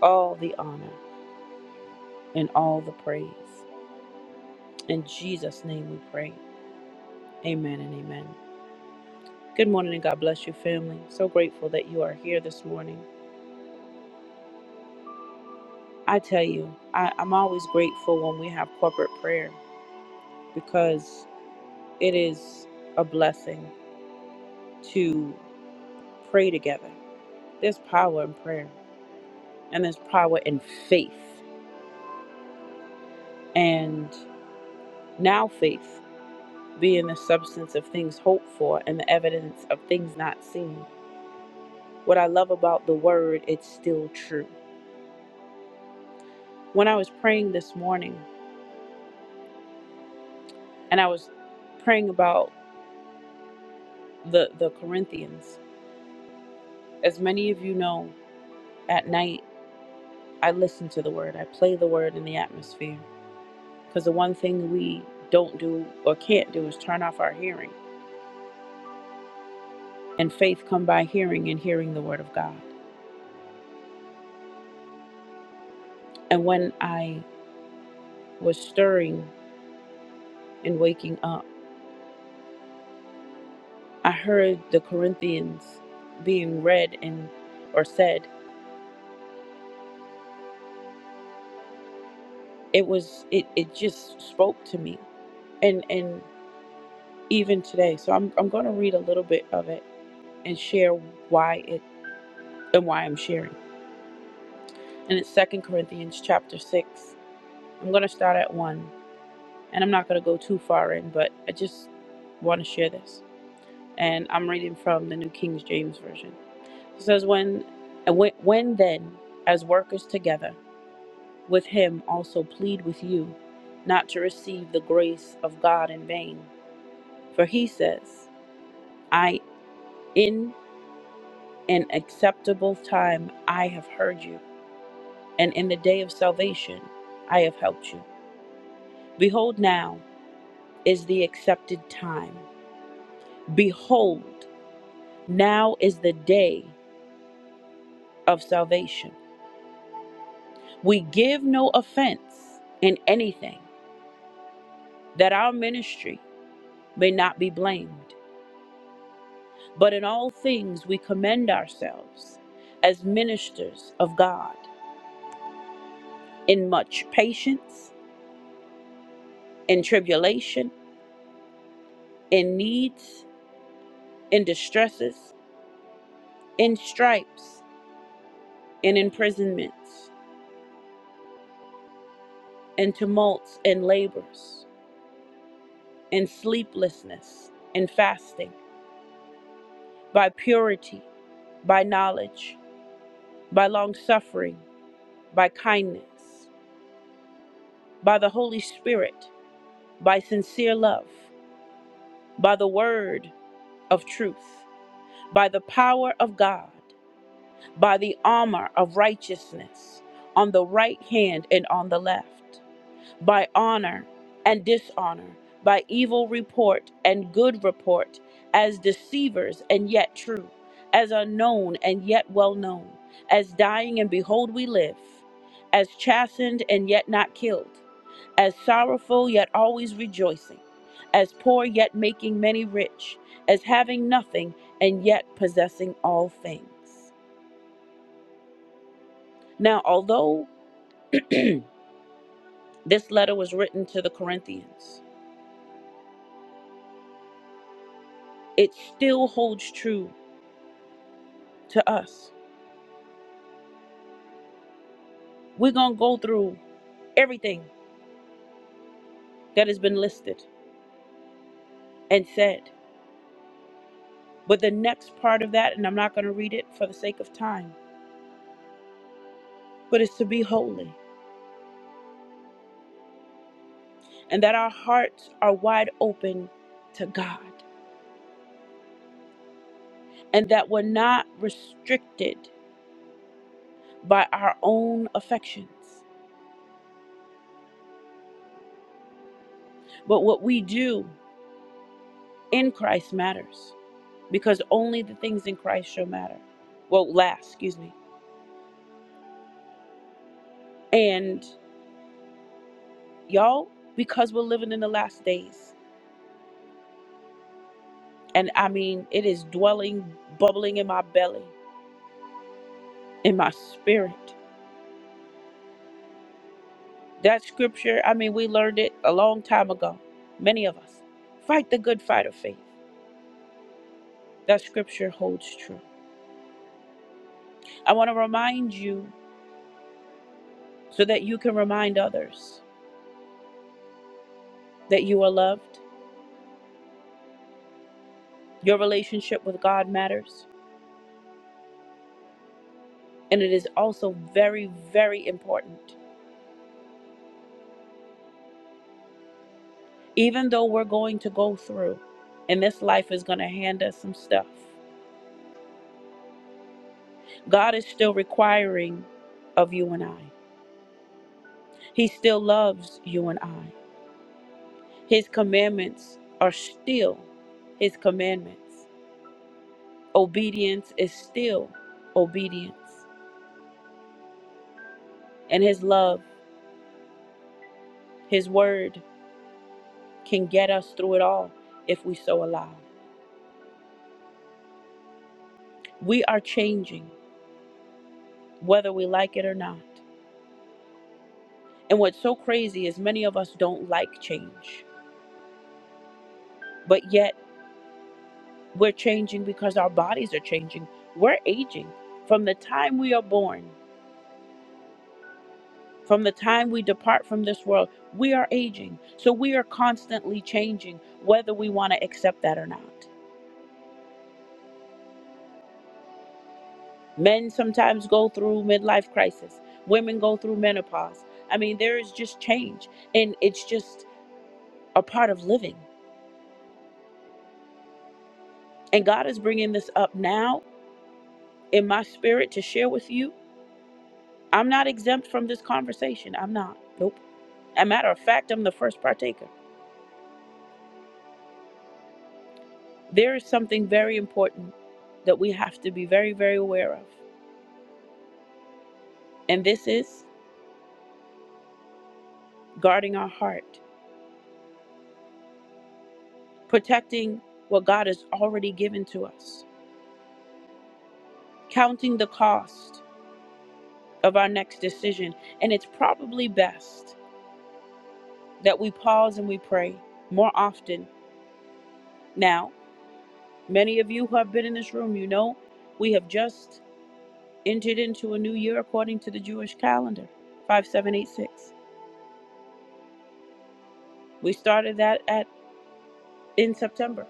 Speaker 1: all the honor, and all the praise. In Jesus' name we pray. Amen and amen. Good morning and God bless you, family. So grateful that you are here this morning. I tell you, I, I'm always grateful when we have corporate prayer because it is a blessing to pray together. There's power in prayer and there's power in faith. And now faith being the substance of things hoped for and the evidence of things not seen. What I love about the word, it's still true. When I was praying this morning and I was praying about the, the Corinthians, as many of you know, at night I listen to the word. I play the word in the atmosphere. Because the one thing we don't do or can't do is turn off our hearing. And faith come by hearing and hearing the word of God. And when I was stirring and waking up, I heard the Corinthians being read and or said. It was it, it just spoke to me. And and even today. So I'm I'm gonna read a little bit of it and share why it and why I'm sharing. And it's Second Corinthians chapter 6 I'm going to start at one, and I'm not going to go too far in, but I just want to share this. And I'm reading from the New King James Version. It says, When, when when then, as workers together, with him also plead with you, not to receive the grace of God in vain. For he says, I, in an acceptable time, I have heard you, and in the day of salvation, I have helped you. Behold, now is the accepted time. Behold, Now is the day of salvation. We give no offense in anything, that our ministry may not be blamed. But in all things we commend ourselves as ministers of God, in much patience, in tribulation, in needs, in distresses, in stripes, in imprisonments, in tumults in labors, in sleeplessness, in fasting by purity, by knowledge, by long suffering, by kindness, by the Holy Spirit, by sincere love, by the word of truth, by the power of God, by the armor of righteousness, on the right hand and on the left, by honor and dishonor, by evil report and good report, as deceivers and yet true, as unknown and yet well known, as dying and behold we live, as chastened and yet not killed, as sorrowful yet always rejoicing, as poor yet making many rich, as having nothing and yet possessing all things. Now, although this letter was written to the Corinthians, it still holds true to us. We're going to go through everything that has been listed and said. But the next part of that, and I'm not going to read it for the sake of time, but it's to be holy and that our hearts are wide open to God and that we're not restricted by our own affections. But what we do in Christ matters because only the things in Christ shall matter. Well, last, excuse me. And y'all, because we're living in the last days, And I mean, it is dwelling, bubbling in my belly, in my spirit. That scripture, I mean, we learned it a long time ago, many of us. Fight the good fight of faith. That scripture holds true. I want to remind you so that you can remind others that you are loved. Your relationship with God matters. And it is also very, very important. Even though we're going to go through, and this life is going to hand us some stuff, God is still requiring of you and I. He still loves you and I. His commandments are still His commandments. Obedience is still obedience. And His love, His word can get us through it all if we so allow. We are changing, whether we like it or not. And what's so crazy is many of us don't like change, but yet we're changing because our bodies are changing. We're aging from the time we are born. From the time we depart from this world, we are aging. So we are constantly changing, whether we want to accept that or not. Men sometimes go through midlife crisis, women go through menopause. I mean, there is just change, and it's just a part of living. And God is bringing this up now in my spirit to share with you. I'm not exempt from this conversation. I'm not. Nope. As A matter of fact, I'm the first partaker. There is something very important that we have to be very, very aware of. And this is guarding our heart, protecting what God has already given to us, counting the cost of our next decision. And it's probably best that we pause and we pray more often. Now, many of you who have been in this room, you know we have just entered into a new year according to the Jewish calendar, 5786. We started that at in September.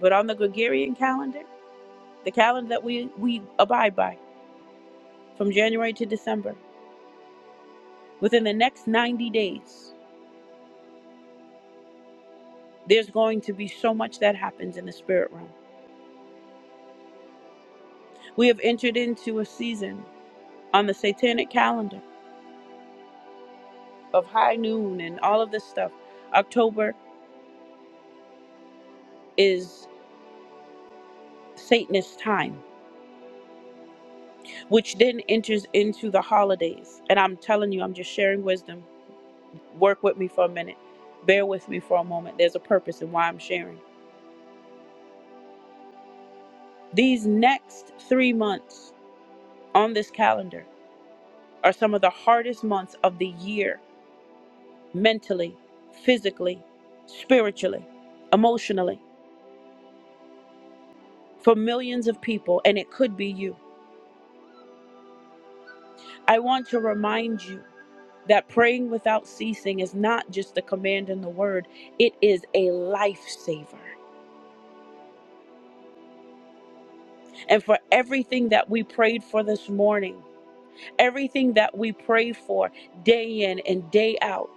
Speaker 1: But on the Gregorian calendar, the calendar that we, we abide by from January to December, Within the next 90 days, there's going to be so much that happens in the spirit realm. We have entered into a season on the satanic calendar of high noon and all of this stuff. October is Satanist time, which then enters into the holidays. And I'm telling you, I'm just sharing wisdom. Work with me for a minute. Bear with me for a moment. There's a purpose in why I'm sharing. These next three months on this calendar are some of the hardest months of the year mentally, physically, spiritually, emotionally, for millions of people, and it could be you. I want to remind you that praying without ceasing is not just a command in the word, it is a lifesaver. And for everything that we prayed for this morning, everything that we pray for day in and day out,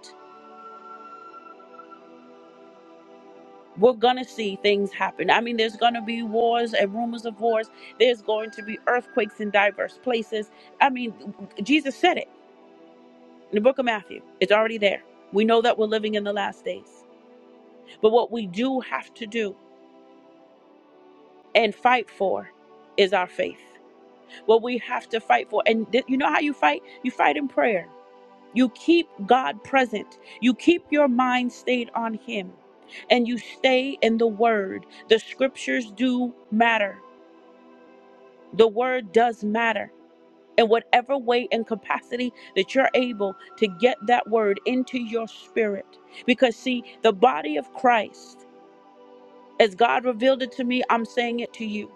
Speaker 1: we're gonna see things happen. I mean, there's gonna be wars and rumors of wars. There's going to be earthquakes in diverse places. I mean, Jesus said it in the book of Matthew. It's already there. We know that we're living in the last days. But what we do have to do and fight for is our faith. What we have to fight for. And th- you know how you fight? You fight in prayer. You keep God present. You keep your mind stayed on Him. And you stay in the Word. The scriptures do matter The word does matter. In whatever way and capacity that you're able to get that word into your spirit. Because, see, the body of Christ, as God revealed it to me, I'm saying it to you.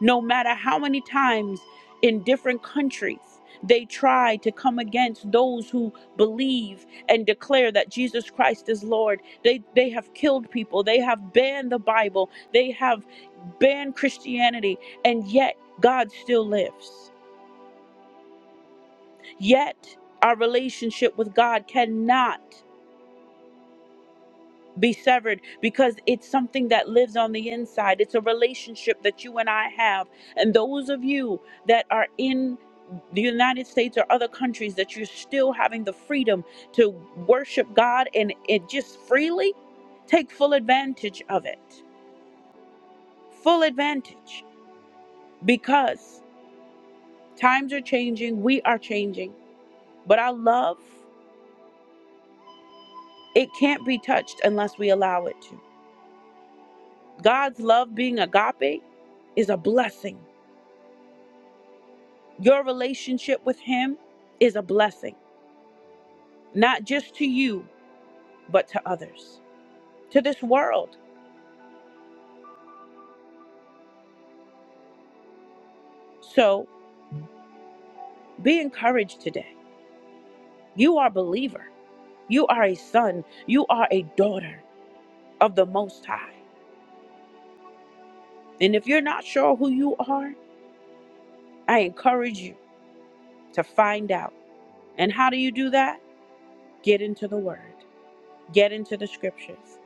Speaker 1: No matter how many times in different countries they try to come against those who believe and declare that Jesus Christ is Lord, they, they have killed people, they have banned the Bible, they have banned Christianity, and yet God still lives. Yet, our relationship with God cannot be severed because it's something that lives on the inside. It's a relationship that you and I have. And those of you that are in the United States or other countries that you're still having the freedom to worship God and it just freely, take full advantage of it. Full advantage because times are changing, we are changing, but our love, it can't be touched unless we allow it to. God's love being agape is a blessing. Your relationship with Him is a blessing, not just to you, but to others, to this world. So be encouraged today. You are a believer, you are a son, you are a daughter of the Most High. And if you're not sure who you are, I encourage you to find out. And how do you do that? Get into the Word, get into the Scriptures.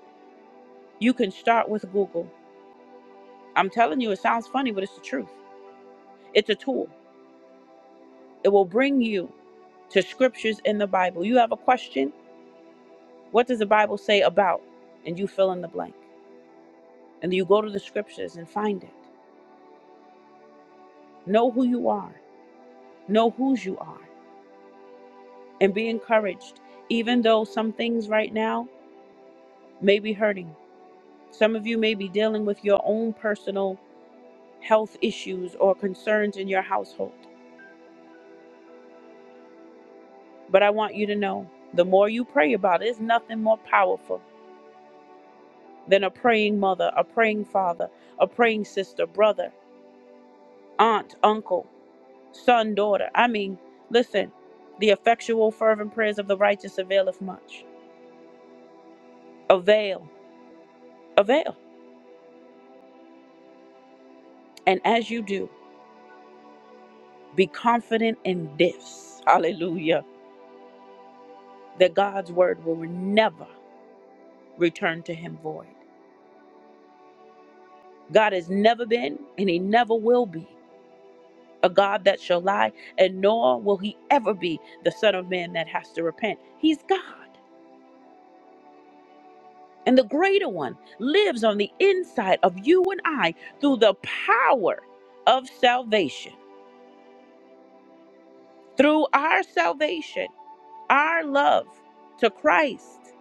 Speaker 1: You can start with Google. I'm telling you, it sounds funny, but it's the truth. It's a tool. It will bring you to scriptures in the Bible. You have a question, what does the Bible say about? And you fill in the blank. And you go to the scriptures and find it. Know who you are, know whose you are, and be encouraged, even though some things right now may be hurting. Some of you may be dealing with your own personal health issues or concerns in your household. But I want you to know the more you pray about it, there's nothing more powerful than a praying mother, a praying father, a praying sister, brother, aunt, uncle, son, daughter. I mean, listen, the effectual, fervent prayers of the righteous availeth much. Avail, avail. And as you do, be confident in this, hallelujah, that God's word will never return to him void. God has never been, and he never will be, a God that shall lie, and nor will he ever be the Son of Man that has to repent. He's God. And the greater one lives on the inside of you and I through the power of salvation, through our salvation, our love to Christ,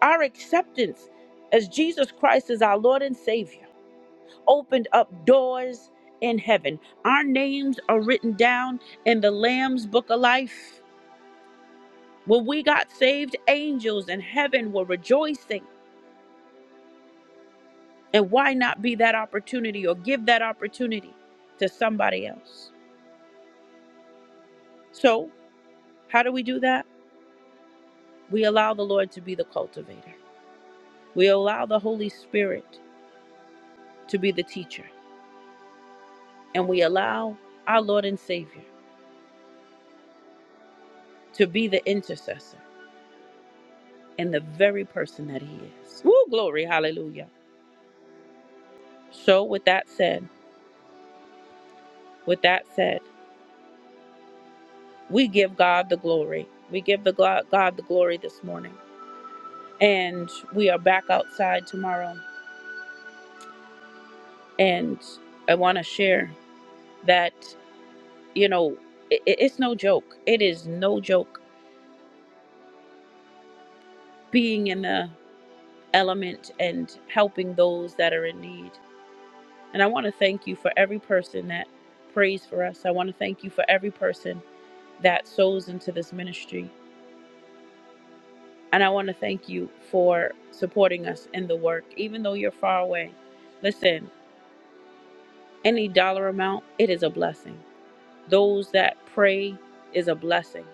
Speaker 1: our acceptance as Jesus Christ is our Lord and Savior, opened up doors in heaven. Our names are written down in the Lamb's Book of Life. When we got saved, angels in heaven were rejoicing And why not be that opportunity or give that opportunity to somebody else? So, how do we do that? We allow the Lord to be the cultivator, we allow the Holy Spirit to be the teacher, and we allow our Lord and Savior to be the intercessor and the very person that He is. Woo, glory, hallelujah. So, with that said, with that said, we give God the glory. We give the God, God the glory this morning. And we are back outside tomorrow And I want to share that, you know, i it's no joke. It is no joke being in the element and helping those that are in need. And I want to thank you for every person that prays for us. I want to thank you for every person that sows into this ministry. And I want to thank you for supporting us in the work, even though you're far away. Listen, any dollar amount, it is a blessing. Those that pray is a blessing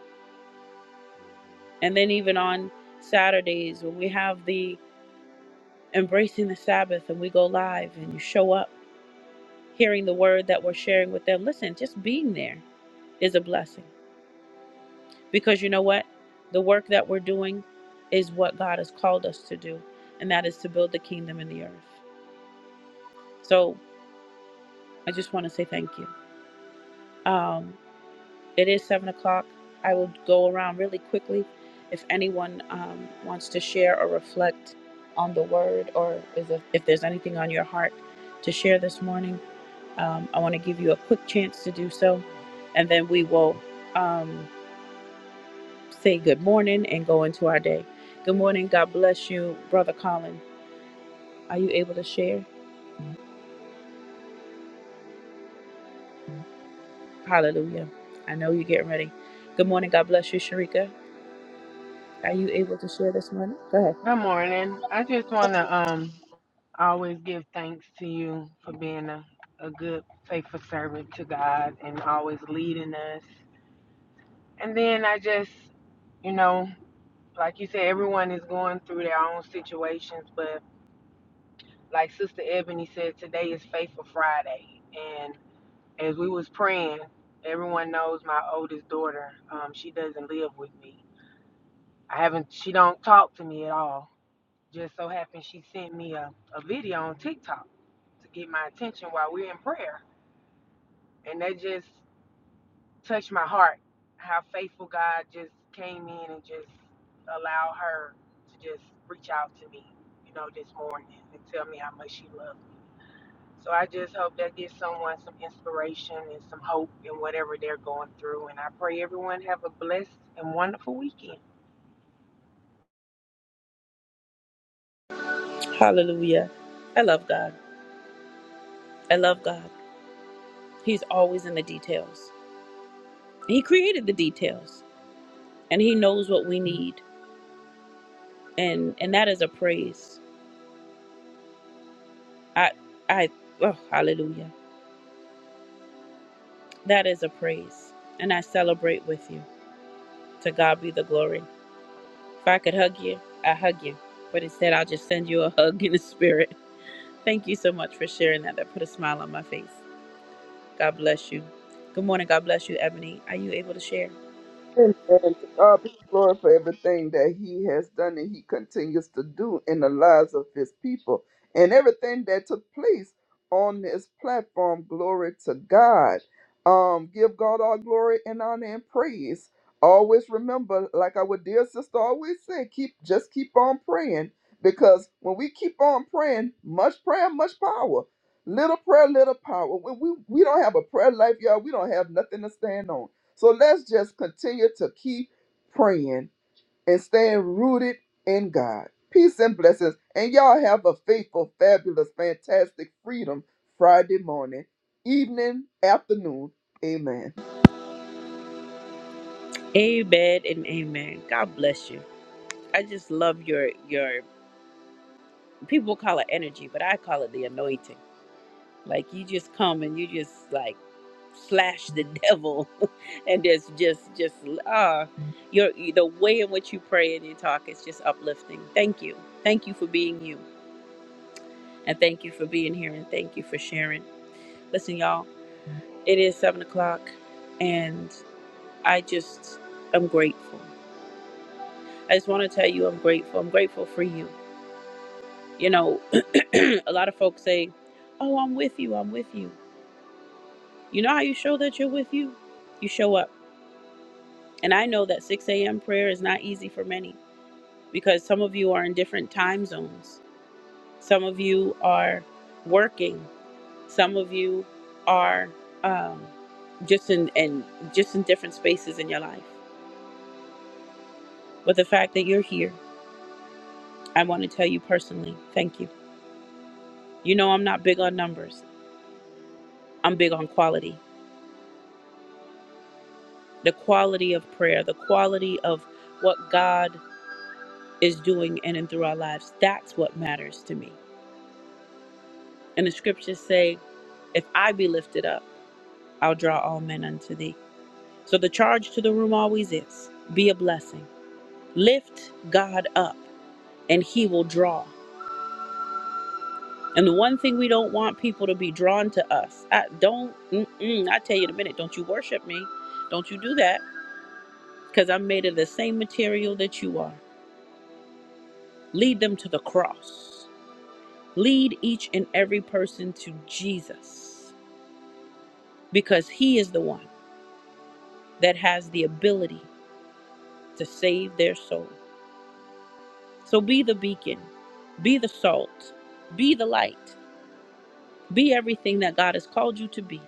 Speaker 1: And then even on Saturdays when we have the embracing the Sabbath and we go live and you show up hearing the word that we're sharing with them. Listen, just being there is a blessing because you know what? The work that we're doing is what God has called us to do, and that is to build the kingdom in the earth. So I just want to say thank you. Um, It is seven o'clock. I will go around really quickly. If anyone um, wants to share or reflect on the word, or is if, if there's anything on your heart to share this morning, um, I want to give you a quick chance to do so, and then we will um, say good morning and go into our day. Good morning. God bless you, brother Colin. Are you able to share? Hallelujah. I know you're getting ready. Good morning. God bless you, Sharika. Are you able to share this morning? Go ahead.
Speaker 2: Good morning. I just want to um I always give thanks to you for being a, a good, faithful servant to God and always leading us. And then I just, you know, like you said, everyone is going through their own situations, but like Sister Ebony said, today is Faithful Friday. And as we was praying, everyone knows my oldest daughter, um, she doesn't live with me. I haven't, she don't talk to me at all. Just so happened she sent me a, a video on TikTok to get my attention while we're in prayer. And that just touched my heart how faithful God just came in and just allowed her to just reach out to me, you know, this morning and tell me how much she loved me. So I just hope that gives someone some inspiration and some hope in whatever they're going through. And I pray everyone have a blessed and wonderful weekend.
Speaker 1: Hallelujah. I love God. I love God. He's always in the details. He created the details and he knows what we need. And and that is a praise. I I oh hallelujah. That is a praise. And I celebrate with you. To God be the glory. If I could hug you, I hug you. But instead I'll just send you a hug in the spirit. Thank you so much for sharing that. That put a smile on my face. God bless you. Good morning. God bless you, Ebony. Are you able to share?
Speaker 3: Amen. To God be the glory for everything that He has done and He continues to do in the lives of His people and everything that took place on this platform. Glory to God. Um, give God all glory and honor and praise. Always remember, like our dear sister always said, keep just keep on praying because when we keep on praying, much prayer, much power. Little prayer, little power. When we, we don't have a prayer life, y'all, we don't have nothing to stand on. So let's just continue to keep praying and staying rooted in God. Peace and blessings. And y'all have a faithful, fabulous, fantastic Freedom Friday morning, evening, afternoon. Amen.
Speaker 1: Amen and amen. God bless you. I just love your your people call it energy, but I call it the anointing. Like you just come and you just like slash the devil, and there's just just ah, your the way in which you pray and you talk is just uplifting. Thank you, thank you for being you, and thank you for being here, and thank you for sharing. Listen, y'all, it is seven o'clock, and I just I'm grateful. I just want to tell you I'm grateful. I'm grateful for you. You know, a lot of folks say, Oh, I'm with you, I'm with you. You know how you show that you're with you? You show up. And I know that 6 a.m. prayer is not easy for many because some of you are in different time zones. Some of you are working. Some of you are um, just in and just in different spaces in your life. But the fact that you're here, I want to tell you personally, thank you. You know I'm not big on numbers. I'm big on quality. the quality of prayer, the quality of what God is doing in and through our lives. That's what matters to me. And the scriptures say, if I be lifted up, I'll draw all men unto thee. So the charge to the room always is be a blessing. Lift God up and he will draw. And the one thing we don't want people to be drawn to us. I don't, mm-mm, I tell you in a minute, don't you worship me. Don't you do that because I'm made of the same material that you are. Lead them to the cross Lead each and every person to Jesus because he is the one that has the ability to save their soul. So be the beacon, be the salt, be the light, be everything that God has called you to be.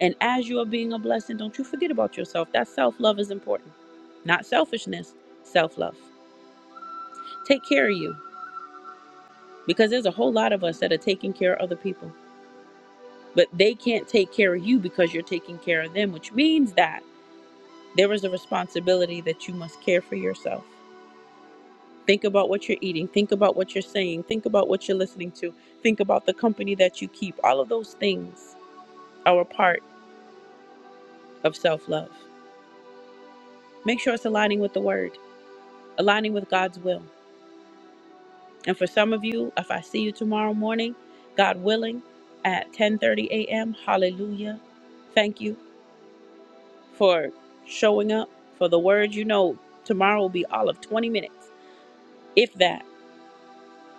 Speaker 1: And as you are being a blessing, don't you forget about yourself. That self love is important, not selfishness, self love. Take care of you because there's a whole lot of us that are taking care of other people, but they can't take care of you because you're taking care of them, which means that. There is a responsibility that you must care for yourself. Think about what you're eating. Think about what you're saying. Think about what you're listening to. Think about the company that you keep. All of those things are a part of self love. Make sure it's aligning with the word, aligning with God's will. And for some of you, if I see you tomorrow morning, God willing, at 10:30 a.m., hallelujah. Thank you for showing up for the word. You know, tomorrow will be all of 20 minutes, if that.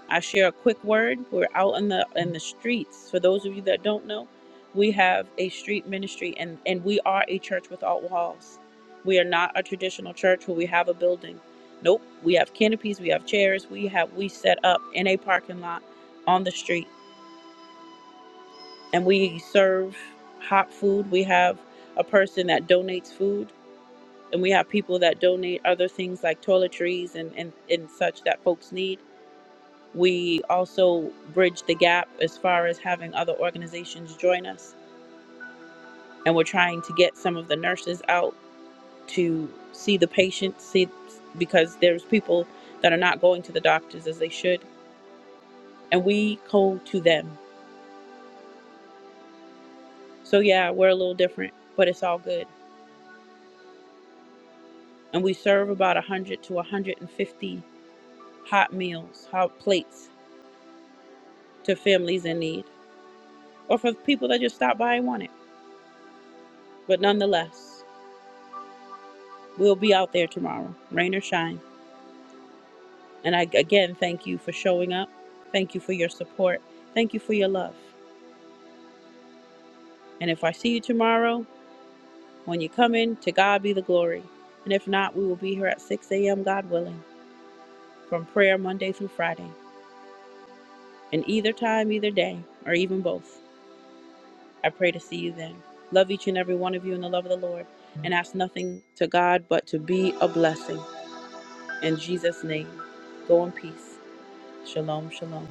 Speaker 1: I share a quick word. We're out in the in the streets. For those of you that don't know, we have a street ministry and and we are a church without walls. We are not a traditional church where we have a building. Nope, we have canopies, we have chairs, we have we set up in a parking lot on the street and we serve hot food. We have a person that donates food and we have people that donate other things like toiletries and and, and such that folks need We also bridge the gap as far as having other organizations join us, and we're trying to get some of the nurses out to see the patients, see because there's people that are not going to the doctors as they should, and we go to them. So yeah, we're a little different, but it's all good. And we serve about 100 to 150 hot meals, hot plates to families in need, or for people that just stop by and want it. But nonetheless, we'll be out there tomorrow, rain or shine. And I again thank you for showing up. Thank you for your support. Thank you for your love. And if I see you tomorrow, when you come in, to God be the glory. And if not, we will be here at 6 a.m., God willing, from prayer Monday through Friday. And either time, either day, or even both, I pray to see you then. Love each and every one of you in the love of the Lord. And ask nothing to God but to be a blessing. In Jesus' name, go in peace. Shalom, shalom.